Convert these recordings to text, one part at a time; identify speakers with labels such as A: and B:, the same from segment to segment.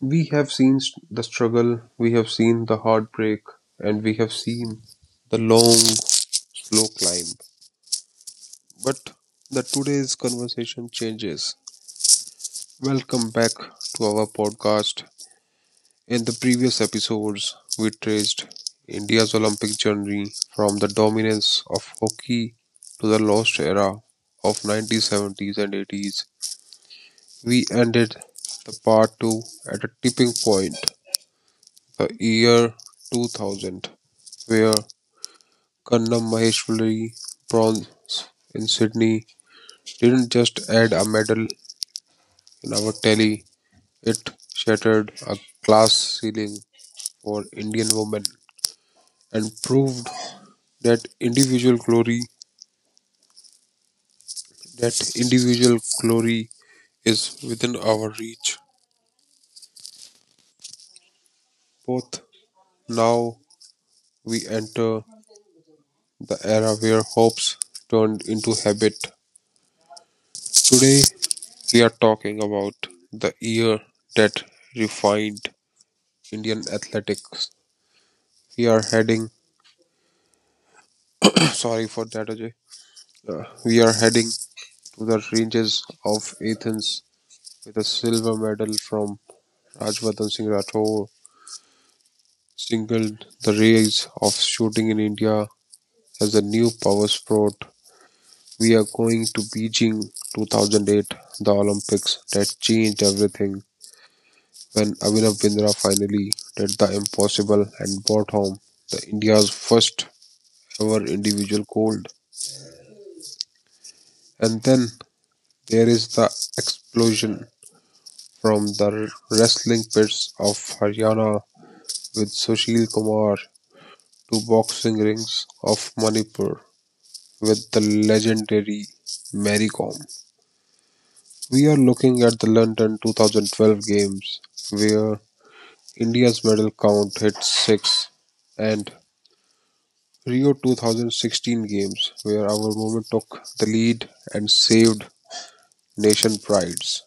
A: We have seen the struggle, we have seen the heartbreak, and we have seen the long, slow climb. But the today's conversation changes. Welcome back to our podcast. In the previous episodes, we traced India's Olympic journey from the dominance of hockey to the lost era of 1970s and 80s. We ended the part 2 at a tipping point the year 2000, where Kannam Maheshwari bronze in Sydney didn't just add a medal in our tally, it shattered a class ceiling for Indian women and proved that individual glory that individual glory is within our reach. Both now we enter the era where hopes turned into habit. Today we are talking about the year that refined Indian athletics. We are heading, sorry for that, Ajay. We are heading to the ranges of Athens with a silver medal from Rajvardhan Singh Rathore, singled the rise of shooting in India as a new power sport. We are going to Beijing 2008, the Olympics that changed everything, when Abhinav Bindra finally did the impossible and brought home the India's first ever individual gold. And then there is the explosion from the wrestling pits of Haryana with Sushil Kumar to boxing rings of Manipur with the legendary Mary Kom. We are looking at the London 2012 games where India's medal count hit 6 and Rio 2016 games where our movement took the lead and saved nation prides.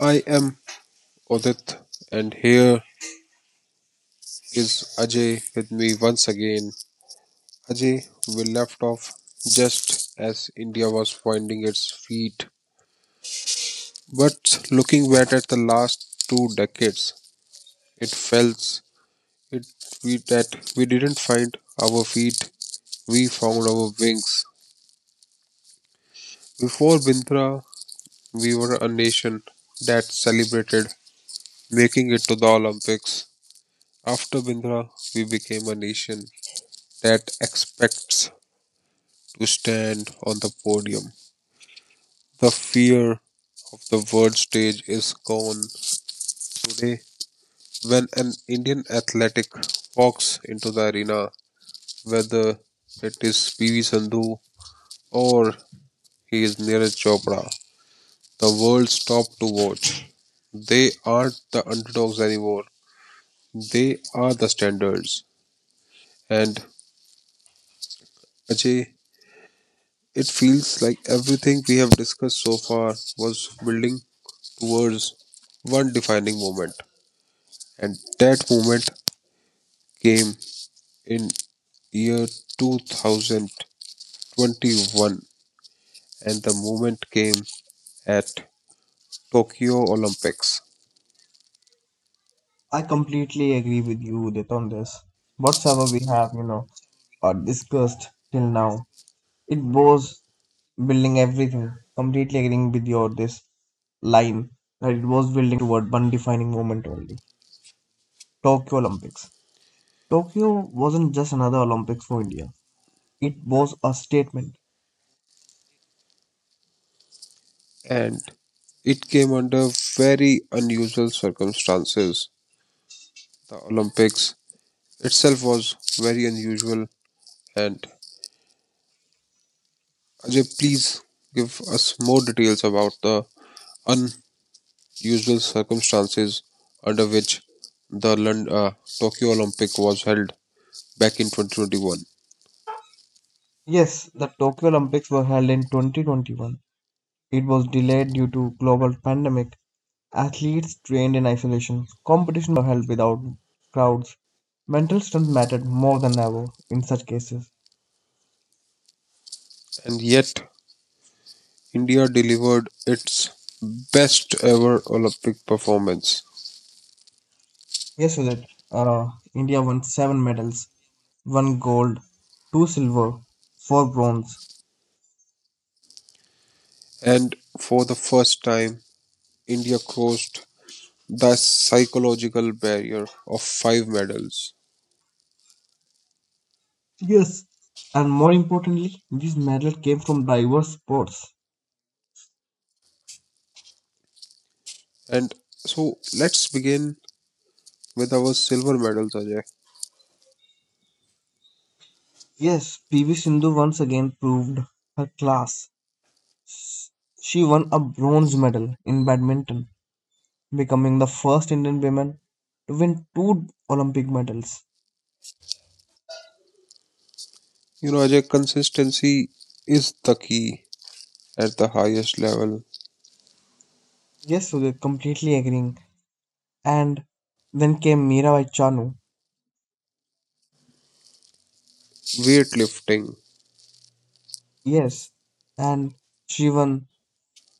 A: I am Odit and here is Ajay with me once again. Ajay, we left off just as India was finding its feet. But looking back at the last two decades, it felt it we that we didn't find our feet, we found our wings. Before Bindra, we were a nation that celebrated making it to the Olympics. After Bindra, we became a nation that expects to stand on the podium. The fear of the world stage is gone. Today, when an Indian athletic walks into the arena, whether it is PV Sandhu or he is Neeraj Chopra, the world stops to watch. They aren't the underdogs anymore. They are the standards. And Ajay, it feels like everything we have discussed so far was building towards one defining moment. And that moment came in year 2021 and the moment came at Tokyo Olympics.
B: I completely agree with you, Udit, on this. Whatsoever we have, discussed till now, it was building everything. Completely agreeing with your this line that it was building toward one defining moment only. Tokyo Olympics. Tokyo wasn't just another Olympics for India. It was a statement.
A: And it came under very unusual circumstances. The Olympics itself was very unusual and Ajay, please give us more details about the unusual circumstances under which the Tokyo Olympic was held back in 2021.
B: Yes, the Tokyo Olympics were held in 2021. It was delayed due to global pandemic. Athletes trained in isolation. Competition were held without crowds. Mental strength mattered more than ever in such cases.
A: And yet, India delivered its best ever Olympic performance.
B: Yes, Sudhir, uh, India won seven medals, one gold, two silver, four bronze.
A: And for the first time, India crossed the psychological barrier of five medals.
B: Yes, and more importantly, these medals came from diverse sports.
A: And so let's begin with our silver medals, Ajay.
B: Yes, PV Sindhu once again proved her class. She won a bronze medal in badminton becoming the first Indian woman to win two Olympic medals.
A: You know, Ajay, consistency is the key at the highest level.
B: Yes, Sudhir, completely agreeing. And then came Mirabai Chanu.
A: Weightlifting.
B: Yes, and she won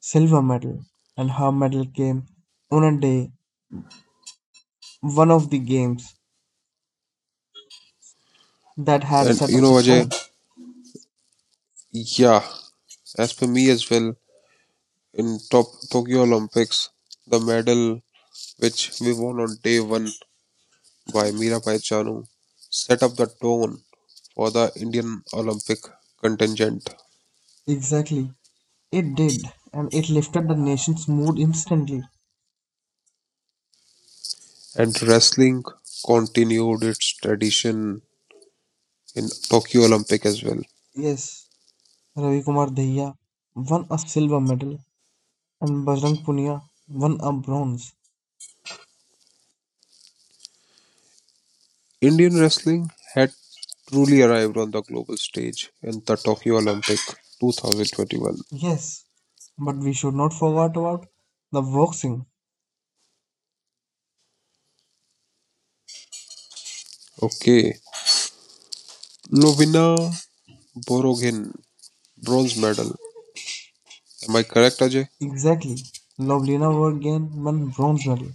B: silver medal, and her medal came on a day, one of the games that had
A: And
B: set
A: you
B: up
A: know,
B: the
A: Ajay,
B: tone.
A: yeah, as per me as well, in top Tokyo Olympics, the medal which we won on day one by Mirabai Chanu set up the tone for the Indian Olympic contingent.
B: Exactly, it did, and it lifted the nation's mood instantly.
A: And wrestling continued its tradition in Tokyo Olympic as well.
B: Yes, Ravi Kumar Dahiya won a silver medal, and Bajrang Punia won a bronze.
A: Indian wrestling had truly arrived on the global stage in the Tokyo Olympic 2021.
B: Yes, but we should not forget about the boxing.
A: Okay. Novina Borogin, bronze medal. Am I correct, Ajay?
B: Exactly. Lovlina won again one bronze medal.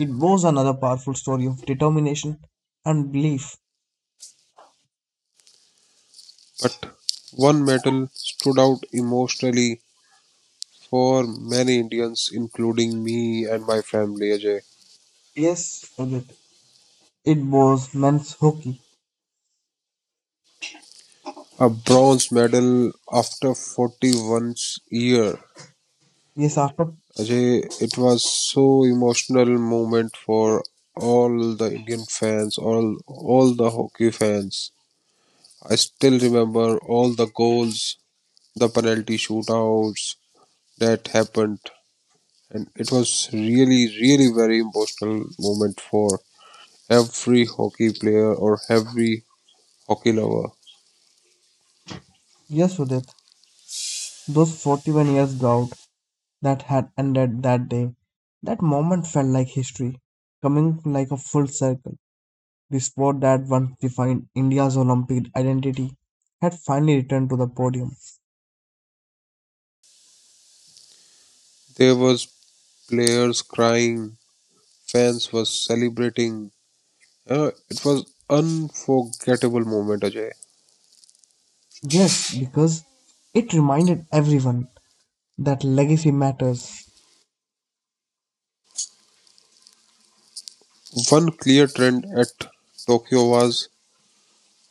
B: It was another powerful story of determination and belief.
A: But one medal stood out emotionally for many Indians, including me and my family, Ajay.
B: Yes, Udit. It was men's hockey.
A: A bronze medal after 41 years,
B: Yes, after
A: Ajay, it was so emotional moment for all the Indian fans, all the hockey fans. I still remember all the goals, the penalty shootouts that happened, and it was really, really very emotional moment for every hockey player or every hockey lover.
B: yes, Udit. Those 41 years drought that had ended that day. That moment felt like history, coming like a full circle. The sport that once defined India's Olympic identity had finally returned to the podium.
A: There was players crying, fans was celebrating. It was unforgettable moment, Ajay.
B: Yes, because it reminded everyone that legacy matters.
A: One clear trend at Tokyo was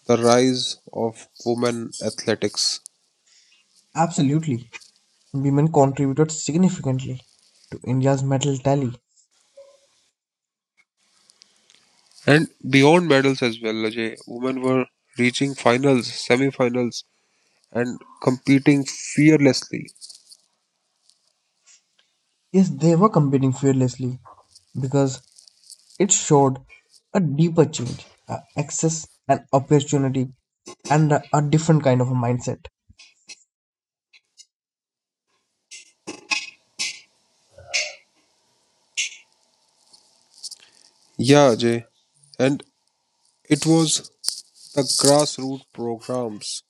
A: the rise of women athletics.
B: Absolutely. Women contributed significantly to India's medal tally.
A: And beyond medals as well, Ajay, women were reaching finals, semi finals, and competing fearlessly.
B: Yes, they were competing fearlessly because it showed a deeper change, a access and opportunity, and a different kind of a mindset.
A: Yeah, Ajay. And it was the grassroots programs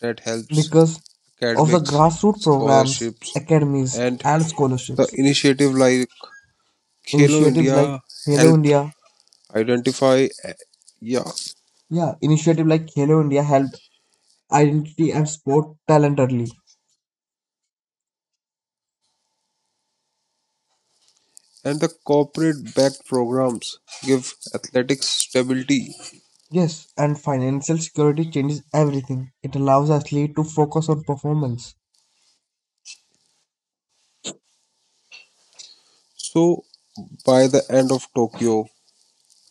A: that helps
B: Because of the
A: academics,
B: grassroots programs,
A: scholarships,
B: academies,
A: and
B: and
A: the
B: scholarships,
A: initiative like Khelo
B: initiatives like
A: India
B: Hello
A: helped
B: India,
A: identify. Yeah,
B: yeah, initiative like Hello India helped identity and sport talent early.
A: and the corporate backed programs give athletics stability.
B: Yes, and financial security changes everything. It allows athlete to focus on performance.
A: So, by the end of Tokyo,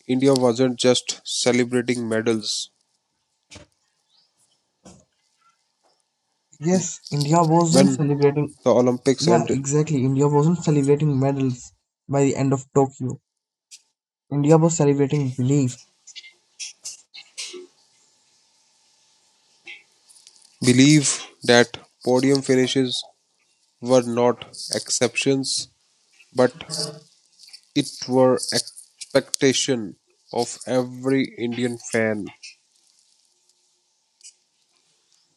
A: India wasn't just celebrating medals
B: Yes, India wasn't
A: when
B: celebrating.
A: the Olympics
B: Yeah,
A: ended.
B: exactly. India wasn't celebrating medals by the end of Tokyo. India was celebrating belief.
A: Believe that podium finishes were not exceptions, but it were expectation of every Indian fan.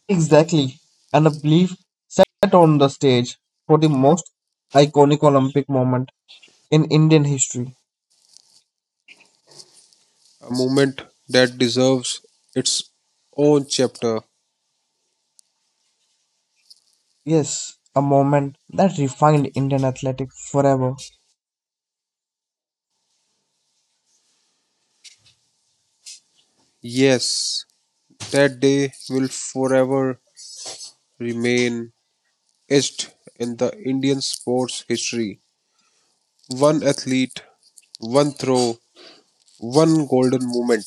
B: Exactly, and a belief set on the stage for the most iconic Olympic moment in Indian history.
A: A moment that deserves its own chapter.
B: Yes, a moment that refined Indian athletics forever.
A: Yes, that day will forever remain etched in the Indian sports history. One athlete, one throw, one golden moment.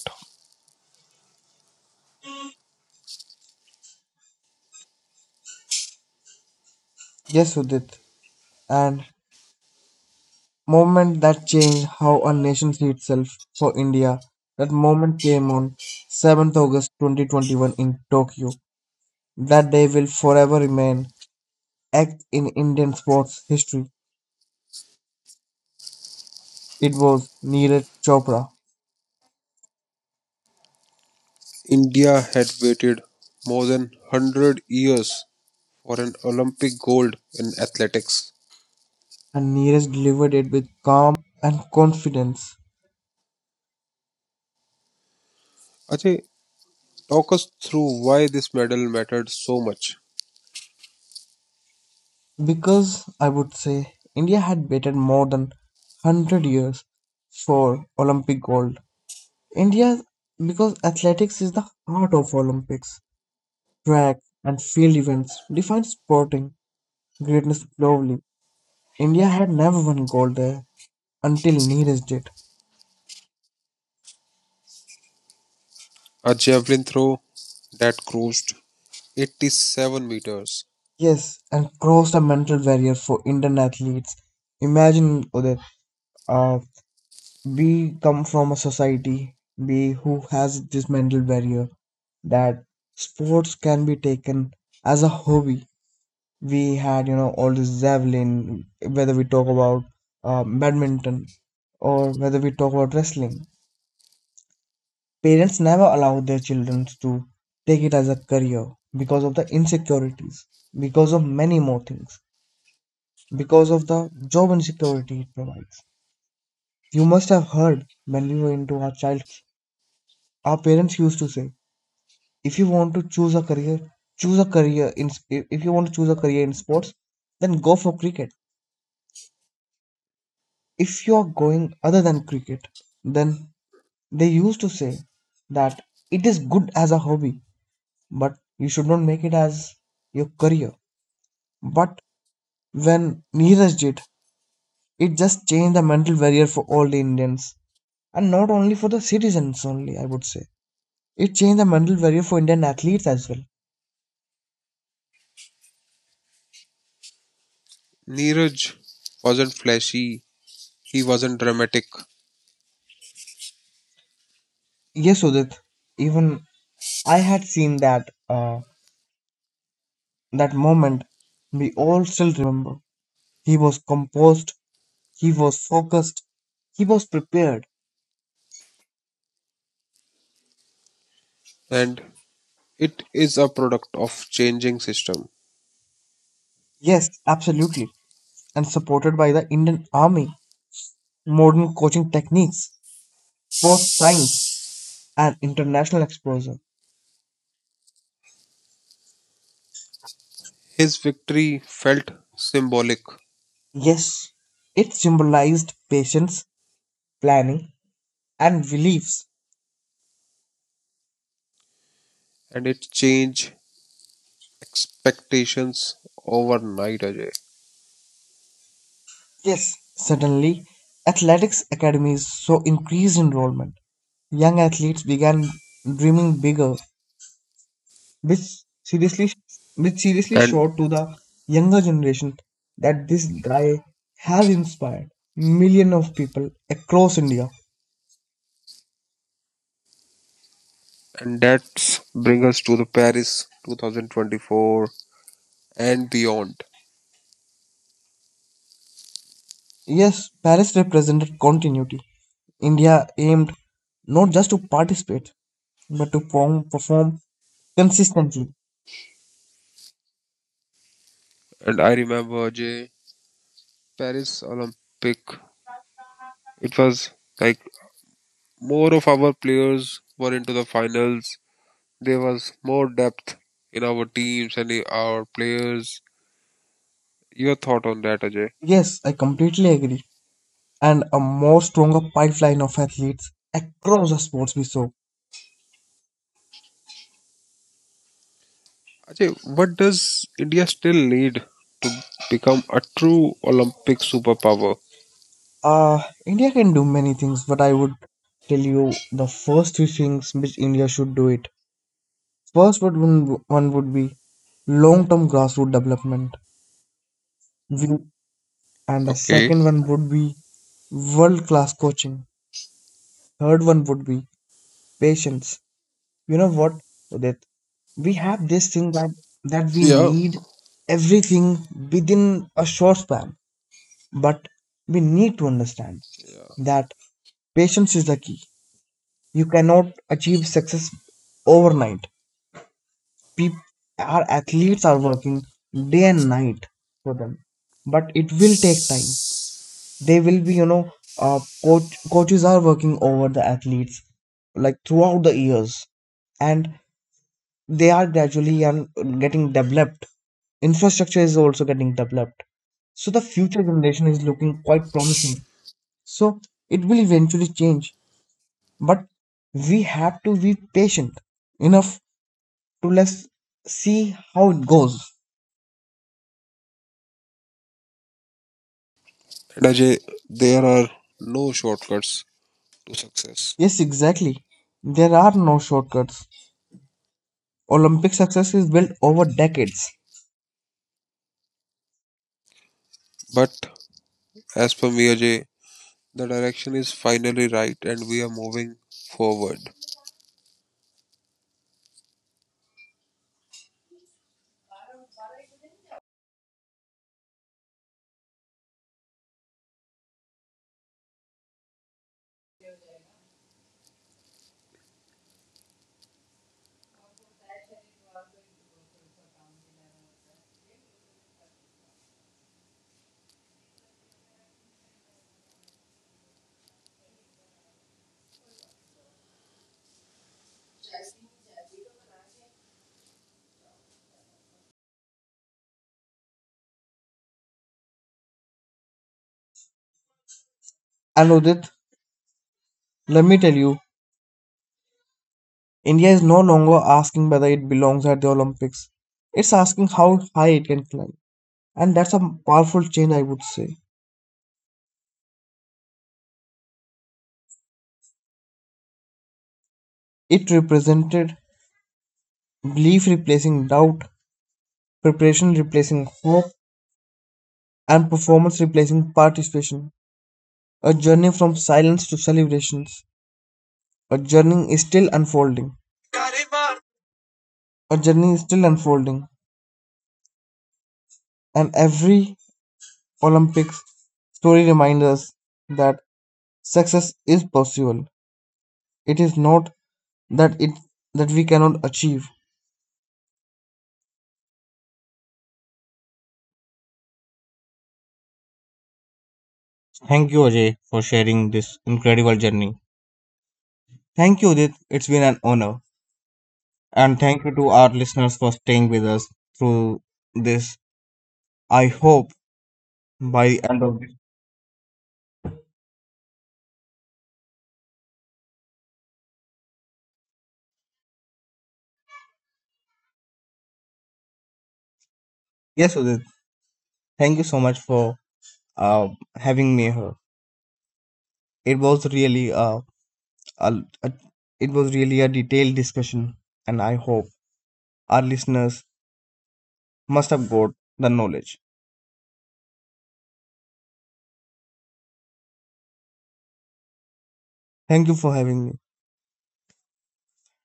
B: Yes, Udit, and movement that changed how a nation see itself for India. That moment came on 7th August 2021 in Tokyo. That day will forever remain act in Indian sports history. It was Neeraj Chopra
A: India had waited more than 100 years for an Olympic gold in athletics.
B: and Neeraj delivered it with calm and confidence
A: Ajay, talk us through why this medal mattered so much.
B: because I would say India had waited more than 100 years for Olympic gold. India because athletics is the heart of Olympics track and field events defined sporting greatness globally. India had never won gold there until Neeraj did.
A: A javelin throw that crossed 87 meters.
B: Yes, and crossed a mental barrier for Indian athletes. Imagine Udit, uh, we come from a society we who has this mental barrier that sports can be taken as a hobby. We had, all this javelin, whether we talk about badminton or whether we talk about wrestling. Parents never allow their children to take it as a career because of the insecurities, because of many more things, because of the job insecurity it provides. You must have heard when we were into our childhoods, our parents used to say, if you want to choose a career in if you want to choose a career in sports, then go for cricket. If you are going other than cricket, then they used to say that it is good as a hobby, but you should not make it as your career. But when Neeraj did, it just changed the mental barrier for all the Indians. And not only for the citizens only, I would say. It changed the mental barrier for Indian athletes as well.
A: Neeraj wasn't flashy, he wasn't dramatic,
B: Yes, Udit. Even I had seen that moment. We all still remember. He was composed. He was focused. He was prepared.
A: and it is a product of changing system.
B: Yes, absolutely. And supported by the Indian Army, modern coaching techniques, sports science, and international exposure.
A: His victory felt symbolic
B: Yes, it symbolized patience, planning, and beliefs.
A: and it changed expectations overnight, Ajay.
B: Yes, suddenly, athletics academies saw increased enrollment. Young athletes began dreaming bigger, which seriously, which seriously
A: And
B: showed to the younger generation that this guy has inspired millions of people across India.
A: and that's bring us to the Paris 2024 and beyond.
B: Yes, Paris represented continuity. India aimed not just to participate but to perform consistently.
A: And I remember Ajay Paris Olympic it was like more of our players were into the finals. There was more depth in our teams and in our players. Your thought on that, Ajay?
B: Yes, I completely agree. And a more stronger pipeline of athletes across the sports we saw.
A: Ajay, what does India still need to become a true Olympic superpower?
B: India can do many things, but I would tell you the first three things which India should do it. One would be long-term grassroots development. We, and the
A: Okay.
B: second one would be world-class coaching. Third one would be patience. You know what, Udit? We have this thing that we
A: Yeah.
B: need everything within a short span, but we need to understand
A: Yeah.
B: that patience is the key. You cannot achieve success overnight. People, our athletes are working day and night for them, but it will take time. They will be, coaches are working over the athletes like throughout the years and they are gradually getting developed. Infrastructure is also getting developed. So the future generation is looking quite promising. So it will eventually change, but we have to be patient enough to let's see how it goes.
A: And Ajay, there are no shortcuts to success.
B: Yes, exactly. There are no shortcuts. Olympic success is built over decades.
A: But as per me, Ajay, the direction is finally right and we are moving forward.
B: And Udit, let me tell you, India is no longer asking whether it belongs at the Olympics. It's asking how high it can climb. And that's a powerful change, I would say. It represented belief replacing doubt, preparation replacing hope, and performance replacing participation. A journey from silence to celebrations. A journey is still unfolding. A journey is still unfolding. And every Olympics story reminds us that success is possible. It is not that it that we cannot achieve. Thank you, Ajay, for sharing this incredible journey. Thank you, Udit. It's been an honor. And thank you to our listeners for staying with us through this. I hope by the end of this. Yes, Udit, thank you so much for uh, having me here. It was a, a really a detailed discussion, and I hope our listeners must have got the knowledge. Thank you for having me.